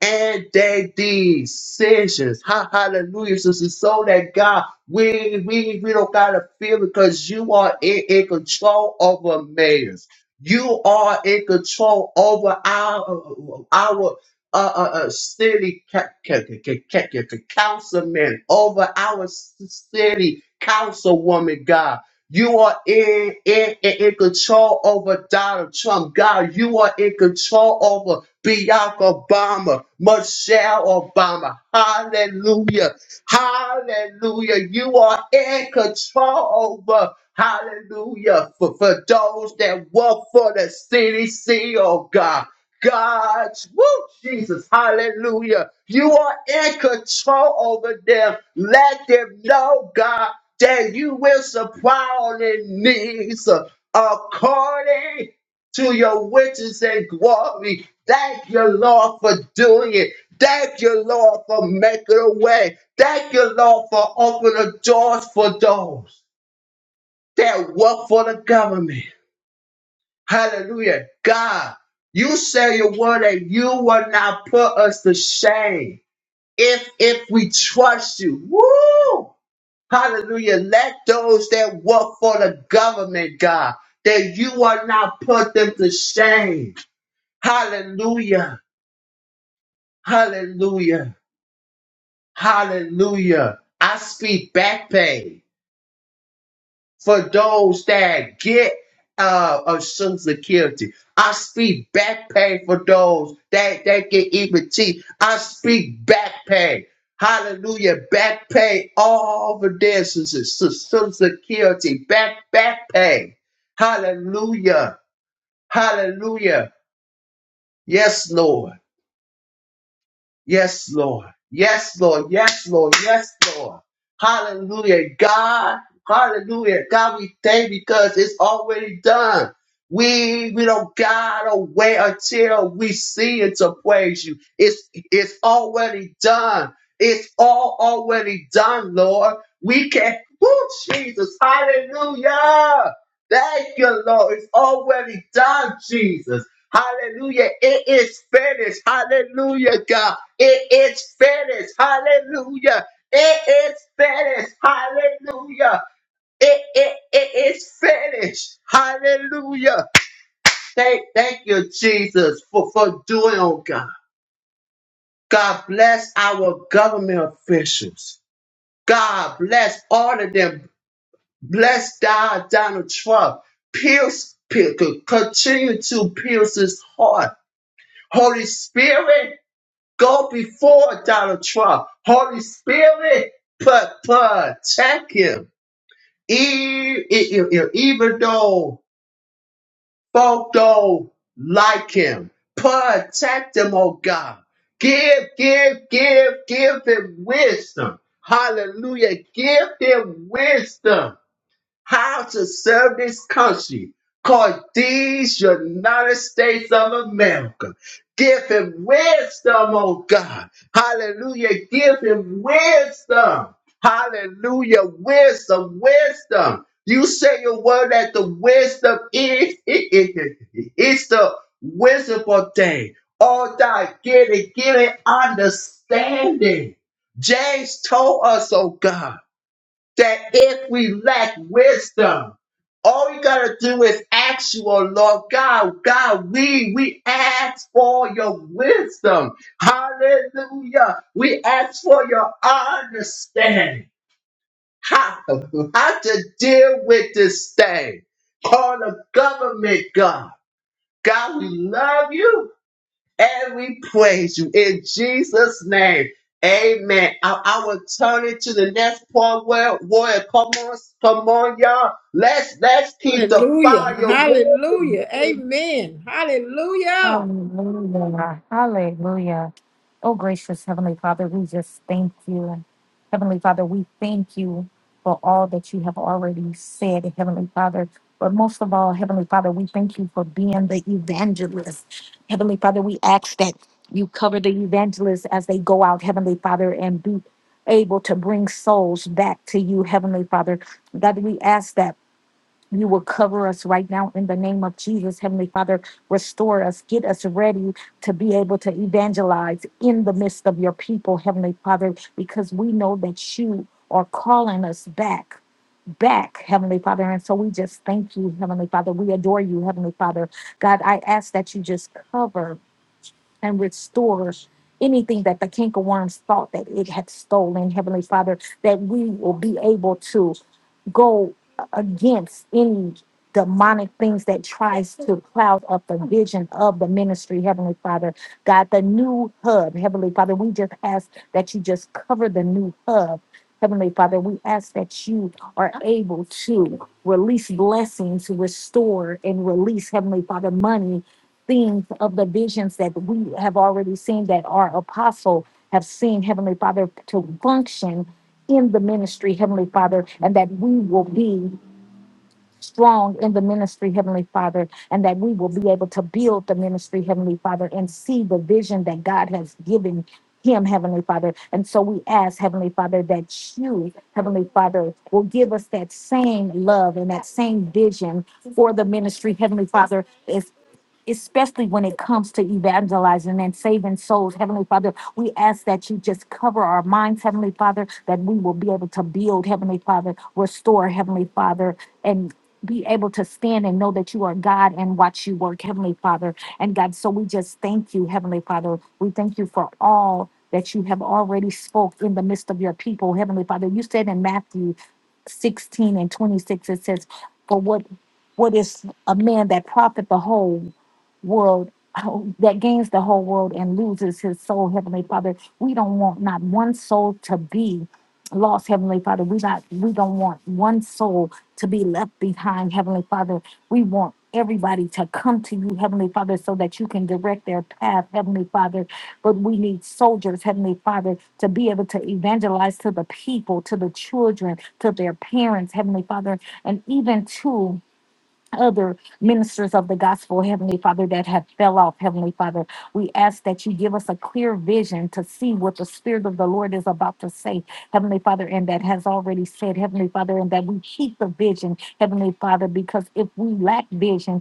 and their decisions. Ha, hallelujah. So, so so that God, we, we, we don't got to feel it because you are in, in control over mayors. You are in control over our, our uh, uh, uh, city ca- ca- ca- ca- ca- ca- councilman, over our s- city councilwoman, God. You are in, in, in in control over Donald Trump. God, you are in control over Barack Obama, Michelle Obama. Hallelujah. Hallelujah. You are in control over. Hallelujah. For, for those that work for the CDC, oh God. God, woo, Jesus, hallelujah. You are in control over them. Let them know, God, that you will supply all their needs uh, according to your riches and glory Thank you, Lord, for doing it. Thank you, Lord, for making a way. Thank you, Lord, for opening the doors for those that work for the government. Hallelujah. God, you say your word that you will not put us to shame if if we trust you. Woo! Hallelujah. Let those that work for the government, God, that you will not put them to shame. Hallelujah. Hallelujah. Hallelujah. I speak back pain for those that get uh, of Social Security. I speak back pain for those that, that get EBT. I speak back pain. Hallelujah. Back pain all over there. so- so- so- Social Security. Back, back pain. Hallelujah. Hallelujah. Yes, Lord. Yes, Lord. Yes, Lord. Yes, Lord. Yes, Lord. Hallelujah, God. Hallelujah, God. We thank you because it's already done. We we don't gotta wait until we see it to praise you. It's it's already done. It's all already done, Lord. We can. Woo, Jesus. Hallelujah. Thank you, Lord. It's already done, Jesus. Hallelujah. It is finished. Hallelujah, God. It is finished. Hallelujah. It is finished. Hallelujah. It, it, it is finished. Hallelujah. Thank, thank you, Jesus, for, for doing, oh God. God bless our government officials. God bless all of them. Bless God, Donald Trump. Pierce, pierce, continue to pierce his heart. Holy Spirit, Go before Donald Trump. Holy Spirit, put, protect him. E- e- e- e- Even though folk don't like him, protect him, oh God. Give, give, give, give him wisdom. Hallelujah. Give him wisdom how to serve this country called these United States of America. Give him wisdom, oh God. Hallelujah. Give him wisdom. Hallelujah. Wisdom, wisdom. You say your word that the wisdom is, it, it, it- it's the wisdom of day. All that get it, get it, understanding. James told us, oh God that if we lack wisdom, all we gotta do is ask you, oh Lord God, God, we we ask for your wisdom. Hallelujah. We ask for your understanding. How, how to deal with this thing. Call the government, God. God, we love you. And we praise you in Jesus' name. Amen. I, I will turn it to the next point where warrior. Come on, come on, y'all. Let's let's keep the
Hallelujah.
fire warm.
Hallelujah. Amen. Hallelujah.
Hallelujah. Hallelujah. Oh, gracious Heavenly Father, we just thank you. Heavenly Father, we thank you for all that you have already said, Heavenly Father. But most of all, Heavenly Father, we thank you for being the evangelist. Heavenly Father, we ask that you cover the evangelists as they go out, Heavenly Father, and be able to bring souls back to you, Heavenly Father. God, we ask that. You will cover us right now in the name of Jesus. Heavenly Father, restore us, get us ready to be able to evangelize in the midst of your people, Heavenly Father, because we know that you are calling us back. Back, Heavenly Father. And so we just thank you, Heavenly Father. We adore you, Heavenly Father. God, I ask that you just cover and restore anything that the cankerworms thought that it had stolen, Heavenly Father, that we will be able to go against any demonic things that tries to cloud up the vision of the ministry, Heavenly Father. God, the new hub, Heavenly Father, we just ask that you just cover the new hub. Heavenly Father, we ask that you are able to release blessings, restore and release, Heavenly Father, money things of the visions that we have already seen that our apostle have seen heavenly father to function in the ministry heavenly father and that we will be strong in the ministry heavenly father and that we will be able to build the ministry heavenly father and see the vision that god has given him heavenly father and so we ask heavenly father that you heavenly father will give us that same love and that same vision for the ministry heavenly father especially when it comes to evangelizing and saving souls. Heavenly Father, we ask that you just cover our minds, Heavenly Father, that we will be able to build, Heavenly Father, restore, Heavenly Father, and be able to stand and know that you are God and watch you work, Heavenly Father. And God, so we just thank you, Heavenly Father. We thank you for all that you have already spoke in the midst of your people, Heavenly Father. You said in Matthew 16 and 26, it says, For what what is a man that profit the whole? world oh, that gains the whole world and loses his soul, Heavenly Father. We don't want not one soul to be lost, Heavenly Father. We not we don't want one soul to be left behind, Heavenly Father. We want everybody to come to you, Heavenly Father, so that you can direct their path, Heavenly Father. But we need soldiers, Heavenly Father, to be able to evangelize to the people, to the children, to their parents, Heavenly Father, and even to other ministers of the gospel, Heavenly Father, that have fell off, Heavenly Father. We ask that you give us a clear vision to see what the Spirit of the Lord is about to say, Heavenly Father, and that has already said, Heavenly Father, and that we keep the vision, Heavenly Father, because if we lack vision,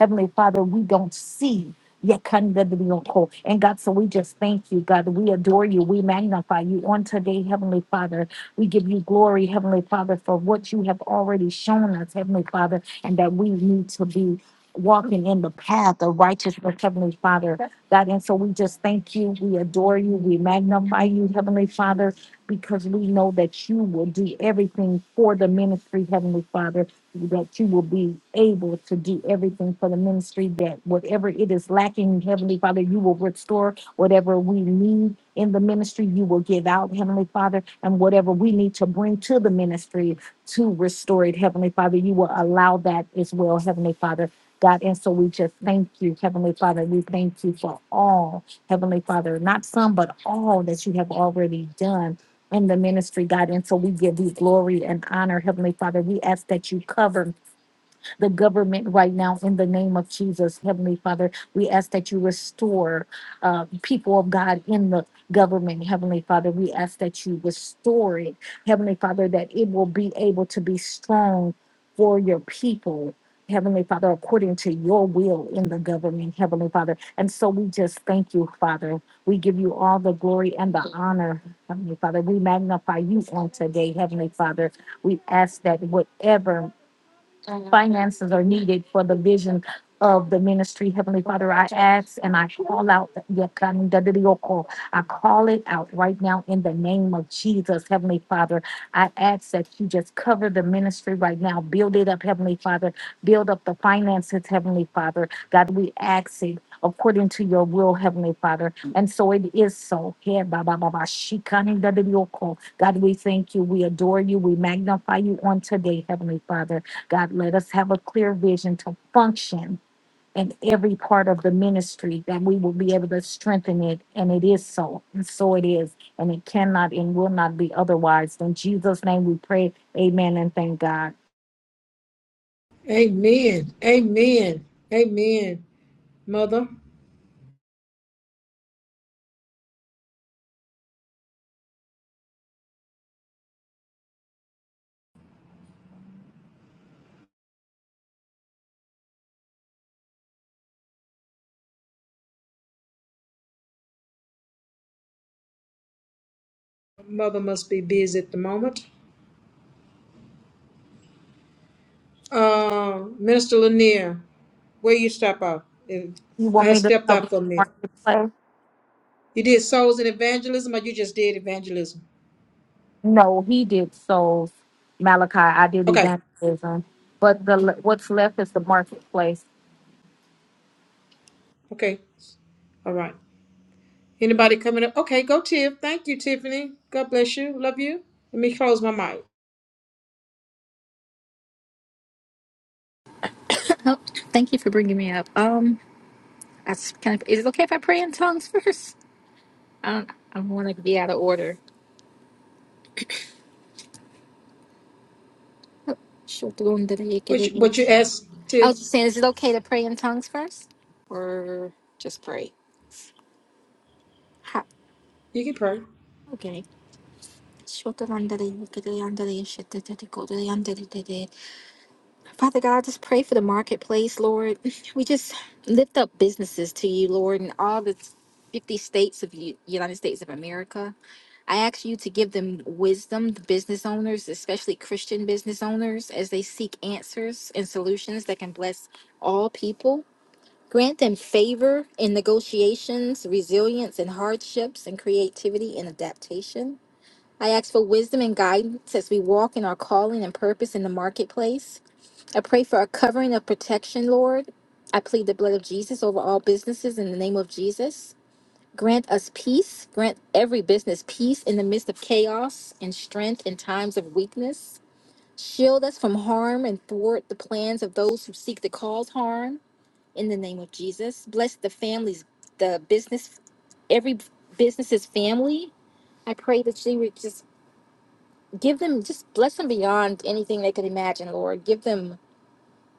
Heavenly Father, we don't see. Yakandadriyoko. And God, so we just thank you, God. We adore you. We magnify you on today, Heavenly Father. We give you glory, Heavenly Father, for what you have already shown us, Heavenly Father, and that we need to be walking in the path of righteousness, Heavenly Father. God, and so we just thank you. We adore you. We magnify you, Heavenly Father, because we know that you will do everything for the ministry, Heavenly Father that you will be able to do everything for the ministry, that whatever it is lacking, Heavenly Father, you will restore whatever we need in the ministry, you will give out, Heavenly Father, and whatever we need to bring to the ministry to restore it, Heavenly Father, you will allow that as well, Heavenly Father. God, and so we just thank you, Heavenly Father. We thank you for all, Heavenly Father, not some, but all that you have already done in the ministry, God. And so we give you glory and honor, Heavenly Father. We ask that you cover the government right now in the name of Jesus. Heavenly Father, we ask that you restore uh, people of God in the government. Heavenly Father, we ask that you restore it. Heavenly Father, that it will be able to be strong for your people. Heavenly Father, according to your will in the government, Heavenly Father. And so we just thank you, Father. We give you all the glory and the honor, Heavenly Father. We magnify you on today, Heavenly Father. We ask that whatever finances are needed for the vision of the ministry. Heavenly Father, I ask and I call out Yakandadioko. I call it out right now in the name of Jesus, Heavenly Father. I ask that you just cover the ministry right now. Build it up, Heavenly Father. Build up the finances, Heavenly Father. God, we ask it according to your will, Heavenly Father. And so it is so. Here, ba, ba, ba, ba, shikandadioko. God, we thank you. We adore you. We magnify you on today, Heavenly Father. God, let us have a clear vision to function in every part of the ministry that we will be able to strengthen it. And it is so. And so it is. And it cannot and will not be otherwise. In Jesus' name we pray. Amen and thank God.
Amen. Amen. Amen. Mother. Mother must be busy at the moment. Uh, Minister Lanier, where you step out? If-
You
I
want
had
me to
stepped out
cover
for a minute.
marketplace?
You did souls and evangelism, or you just did evangelism?
No, he did souls. Malachi, I did
Okay.
evangelism. But the le- what's left is the marketplace.
Okay. All right. Anybody coming up? Okay, go Tiff. Thank you, Tiffany. God bless you. Love you. Let me close my mic.
Oh, thank you for bringing me up. Um, that's kind of. Is it okay if I pray in tongues first? I don't. I don't want to be out of order.
What you, what
Shutrundarayikiririn.
you asked,
I
Tiff?
was just saying, is it okay to pray in tongues first, or just pray? Ha.
You can pray.
Okay. Shutrundarayikirirandarayishitatikodariyandaridiri. Father God, I just pray for the marketplace, Lord. We just lift up businesses to you, Lord, and all the 50 states of the United States of America. I ask you to give them wisdom, the business owners, especially Christian business owners, as they seek answers and solutions that can bless all people. Grant them favor in negotiations, resilience in hardships, and creativity in adaptation. I ask for wisdom and guidance as we walk in our calling and purpose in the marketplace. I pray for a covering of protection, Lord. I plead the blood of Jesus over all businesses in the name of Jesus. Grant us peace. Grant every business peace in the midst of chaos and strength in times of weakness. Shield us from harm and thwart the plans of those who seek to cause harm in the name of Jesus. Bless the families, the business, every business's family. I pray that you would just give them, just bless them beyond anything they could imagine, Lord. Give them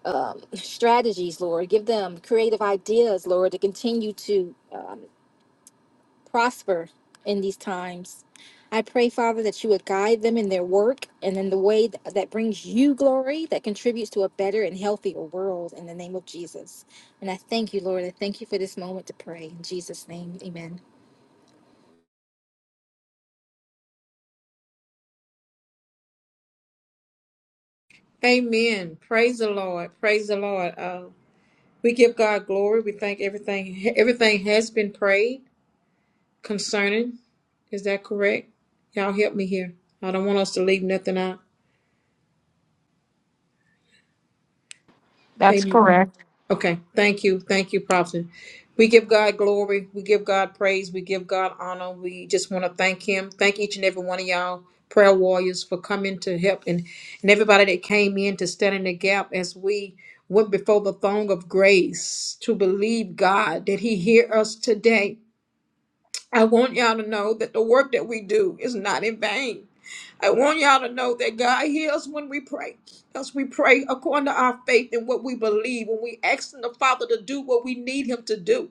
um, strategies, Lord. Give them creative ideas, Lord, to continue to um, prosper in these times. I pray, Father, that you would guide them in their work and in the way th- that brings you glory, that contributes to a better and healthier world in the name of Jesus. And I thank you, Lord. I thank you for this moment to pray. In Jesus' name, amen.
Amen. Praise the Lord. Praise the Lord. Uh, we give God glory. We thank everything. Everything has been prayed concerning. Is that correct? Y'all help me here. I don't want us to leave nothing out.
That's
Amen.
correct.
Okay, thank you, thank you, Prophet. We give God glory, we give God praise, we give God honor. We just want to thank Him. Thank each and every one of y'all, prayer warriors, for coming to help and, and everybody that came in to stand in the gap as we went before the throne of grace to believe God that He hear us today. I want y'all to know that the work that we do is not in vain. I want y'all to know that God hears when we pray, because we pray according to our faith and what we believe, when we asking the Father to do what we need Him to do.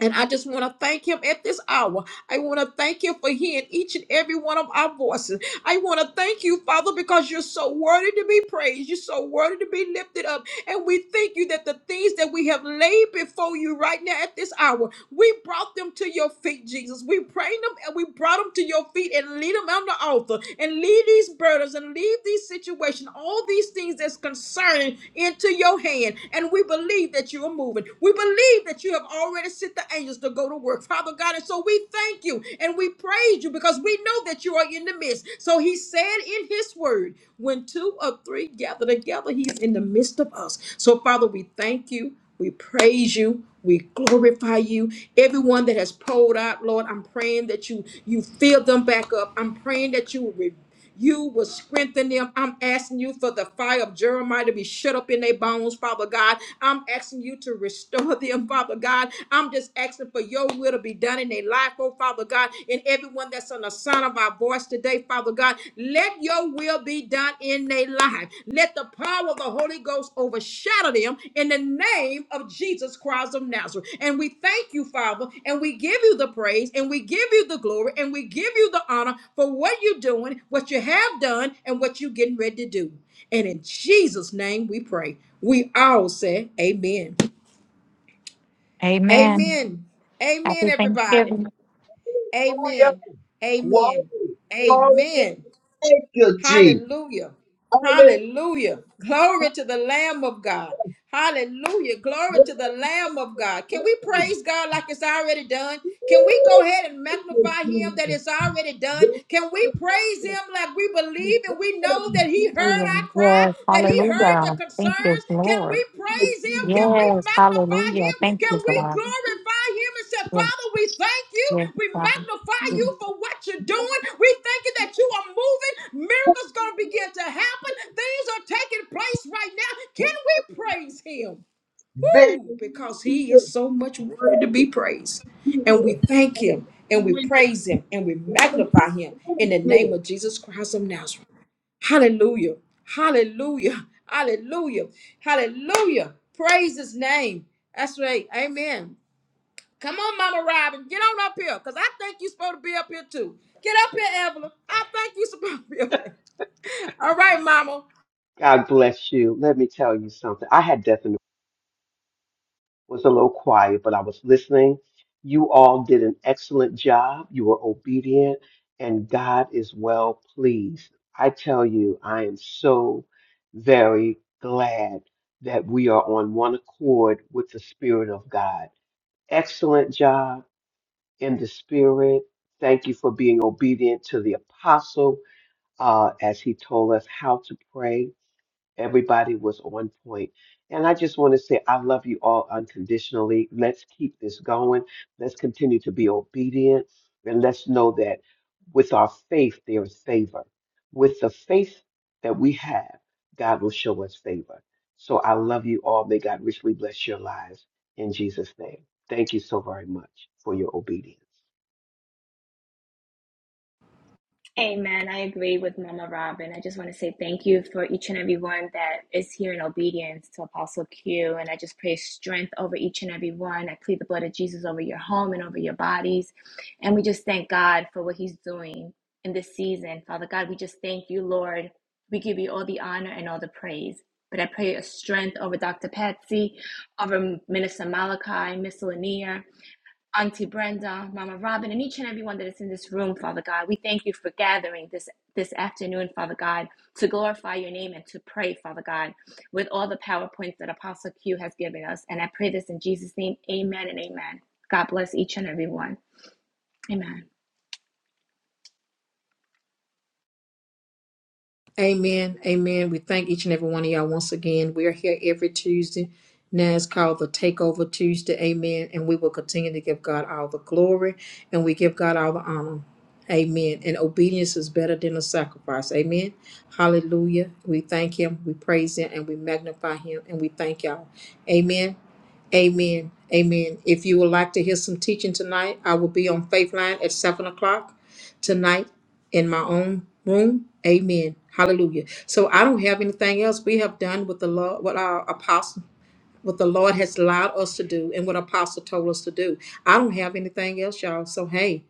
And I just want to thank Him at this hour. I want to thank Him for hearing each and every one of our voices. I want to thank you, Father, because you're so worthy to be praised. You're so worthy to be lifted up. And we thank you that the things that we have laid before you right now at this hour, we brought them to your feet, Jesus. We prayed them and we brought them to your feet and lead them on the altar and lead these burdens and leave these situations, all these things that's concerning into your hand. And we believe that you are moving. We believe that you have already sent the angels to go to work, Father God. And so we thank you and we we praise you because we know that you are in the midst. So he said in his word, when two or three gather together, he's in the midst of us. So, Father, we thank you. We praise you. We glorify you. Everyone that has poured out, Lord, I'm praying that you you fill them back up. I'm praying that you will. You will strengthen them. I'm asking you for the fire of Jeremiah to be shut up in their bones, Father God. I'm asking you to restore them, Father God. I'm just asking for your will to be done in their life, oh Father God, and everyone that's on the sound of our voice today, Father God. Let your will be done in their life. Let the power of the Holy Ghost overshadow them in the name of Jesus Christ of Nazareth. And we thank you, Father, and we give you the praise, and we give you the glory, and we give you the honor for what you're doing, what you have done, and what you're getting ready to do. And in Jesus' name we pray. We all say amen.
Amen.
Amen. Amen,
Happy
everybody.
Thanksgiving.
Glory,
Amen.
glory,
Amen.
glory.
Amen.
Thank you, G.
Hallelujah.
Hallelujah.
Hallelujah. Glory to the Lamb of God. Hallelujah. Glory to the Lamb of God. Can we praise God like it's already done? Can we go ahead and magnify
Victory.
him that it's already done? Can we praise him like we believe and we know that he heard our
Hallelujah.
cry,
Yes.
that he heard the
Hallelujah.
the
Thank
concerns?
you,
Can we
Lord.
praise him? Can we
Yes,
magnify
hallelujah.
him?
Thank
Can
you,
we
God.
glorify him and say,
Yes,
Father, we thank you.
yes,
We
God.
magnify you for what you're doing. We thank you that you are moving. Miracles going to begin to happen. Things are taking place right now. Can we praise him?
Victory.
Woo! Because he
Victory.
is so much worthy to be praised.
is here.
And we
Here.
thank him and we
Hallelujah.
praise him and we magnify him in the name of Jesus Christ of Nazareth. Hallelujah. Hallelujah. Hallelujah. Hallelujah. Praise his name. That's right. Amen. Come on, Mama Robin. Get on up here. Because I think you're supposed to be up here too. Get up here, Evelyn. I think you're supposed to be up here. All right, Mama.
God bless you. Let me tell you something. I had definitely was a little quiet, but I was listening. You all did an excellent job. You were obedient, and God is well pleased. I tell you, I am so very glad that we are on one accord with the Spirit of God. Excellent job in the Spirit. Thank you for being obedient to the apostle uh, as he told us how to pray Everybody was on point. And I just want to say, I love you all unconditionally. Let's keep this going. Let's continue to be obedient. And let's know that with our faith, there is favor. With the faith that we have, God will show us favor. So I love you all. May God richly bless your lives in Jesus' name. Thank you so very much for your obedience.
Amen. I agree with Mama Robin. I just want to say thank you for each and every one that is here in obedience to Apostle Q. And I just pray strength over each and every one. I plead the blood of Jesus over your home and over your bodies. And we just thank God for what He's doing in this season. Father God, we just thank you, Lord. We give you all the honor and all the praise. But I pray a strength over Dr. Patsy, over Minister Malachi, Miss Lanier. Auntie Brenda, Mama Robin, and each and everyone that is in this room, Father God. We thank you for gathering this this afternoon, Father God, to glorify your name and to pray, Father God, with all the PowerPoints that Apostle Q has given us. And I pray this in Jesus' name. Amen and amen. God bless each and every one. Amen.
Amen. Amen. We thank each and every one of y'all once again. We are here every Tuesday. Now it's called the Takeover Tuesday. Amen. And we will continue to give God all the glory and we give God all the honor. Amen. And obedience is better than a sacrifice. Amen. Hallelujah. We thank Him, we praise Him, and we magnify Him, and we thank y'all. Amen. Amen. Amen. If you would like to hear some teaching tonight, I will be on Faith Line at 7 o'clock tonight in my own room. Amen. Hallelujah. So I don't have anything else. We have done what the Lord, what our apostle, what the Lord has allowed us to do, and what apostle told us to do. I don't have anything else, y'all. So hey.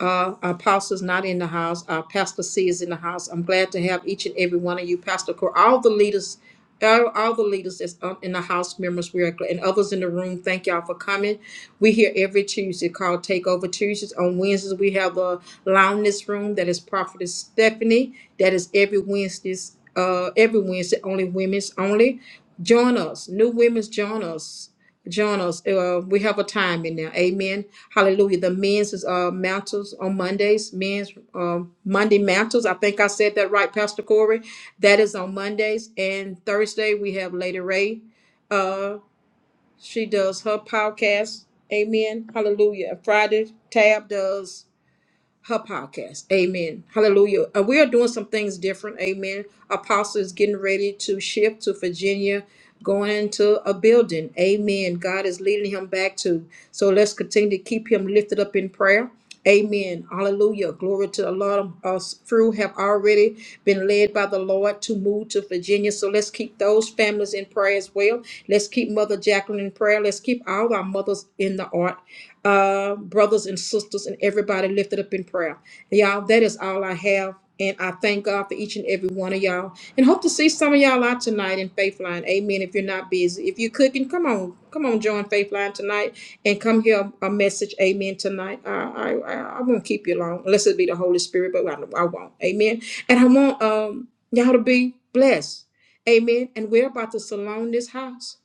Uh, our pastor's not in the house. Our pastor C is in the house. I'm glad to have each and every one of you, Pastor Core, all the leaders, all, all the leaders that's on- in the house members, we are gl- and others in the room. Thank y'all for coming. We here every Tuesday called Takeover Tuesdays. On Wednesdays we have the Loudness Room that is Prophetess Stephanie. That is every Wednesdays, uh, every Wednesday only women's only. Join us, new women's join us. Join us. Uh, we have a time in there. Amen. Hallelujah. The men's is, uh, mantles on Mondays. Men's uh Monday mantles. I think I said that right, Pastor Corey. That is on Mondays. And Thursday, we have Lady Ray. Uh, she does her podcast. Amen. Hallelujah. And Friday, Tab does her podcast. Amen. Hallelujah. And we are doing some things different. Amen. Apostle is getting ready to shift to Virginia, going into a building. Amen. God is leading him back to. So let's continue to keep him lifted up in prayer. Amen. Hallelujah. Glory to the Lord. Us through have already been led by the Lord to move to Virginia. So let's keep those families in prayer as well. Let's keep Mother Jacqueline in prayer. Let's keep all our mothers in the art uh, brothers and sisters and everybody lifted up in prayer. Y'all, that is all I have. And I thank God for each and every one of y'all. And hope to see some of y'all out tonight in Faithline, Amen. If you're not busy. If you're cooking, come on. Come on, join Faithline tonight and come hear a message. Amen. Tonight. I I, I, I won't keep you long unless it be the Holy Spirit, but I, I won't. Amen. And I want um y'all to be blessed. Amen. And we're about to salon this house.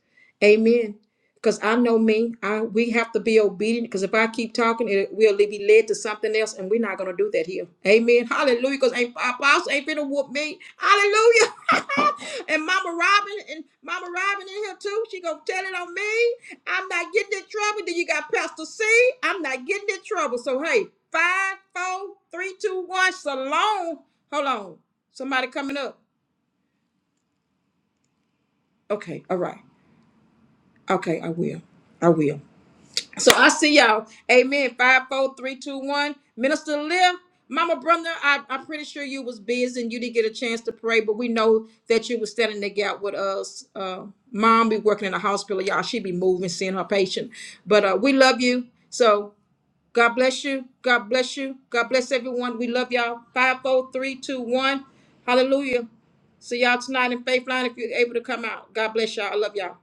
Amen. Because I know me, I we have to be obedient. Because if I keep talking, it will be led to something else, and we're not gonna do that here. Amen. Hallelujah. Because ain't apostle ain't finna whoop me. Hallelujah. and Mama Robin and Mama Robin in here too. She gonna tell it on me. I'm not getting in trouble. Then you got Pastor C. I'm not getting in trouble. So hey, five, four, three, two, one. Salon. Hold on. Somebody coming up. Okay. All right. Okay. I will. I will. So I see y'all. Amen. Five, four, three, two, one. Minister Liv, Mama Brother, I, I'm pretty sure you was busy and you didn't get a chance to pray, but we know that you was standing the gap with us. Uh, Mom be working in the hospital, y'all. She be moving, seeing her patient. But uh, we love you. So God bless you. God bless you. God bless everyone. We love y'all. Five, four, three, two, one. Hallelujah. See y'all tonight in Faith Line if you're able to come out. God bless y'all. I love y'all.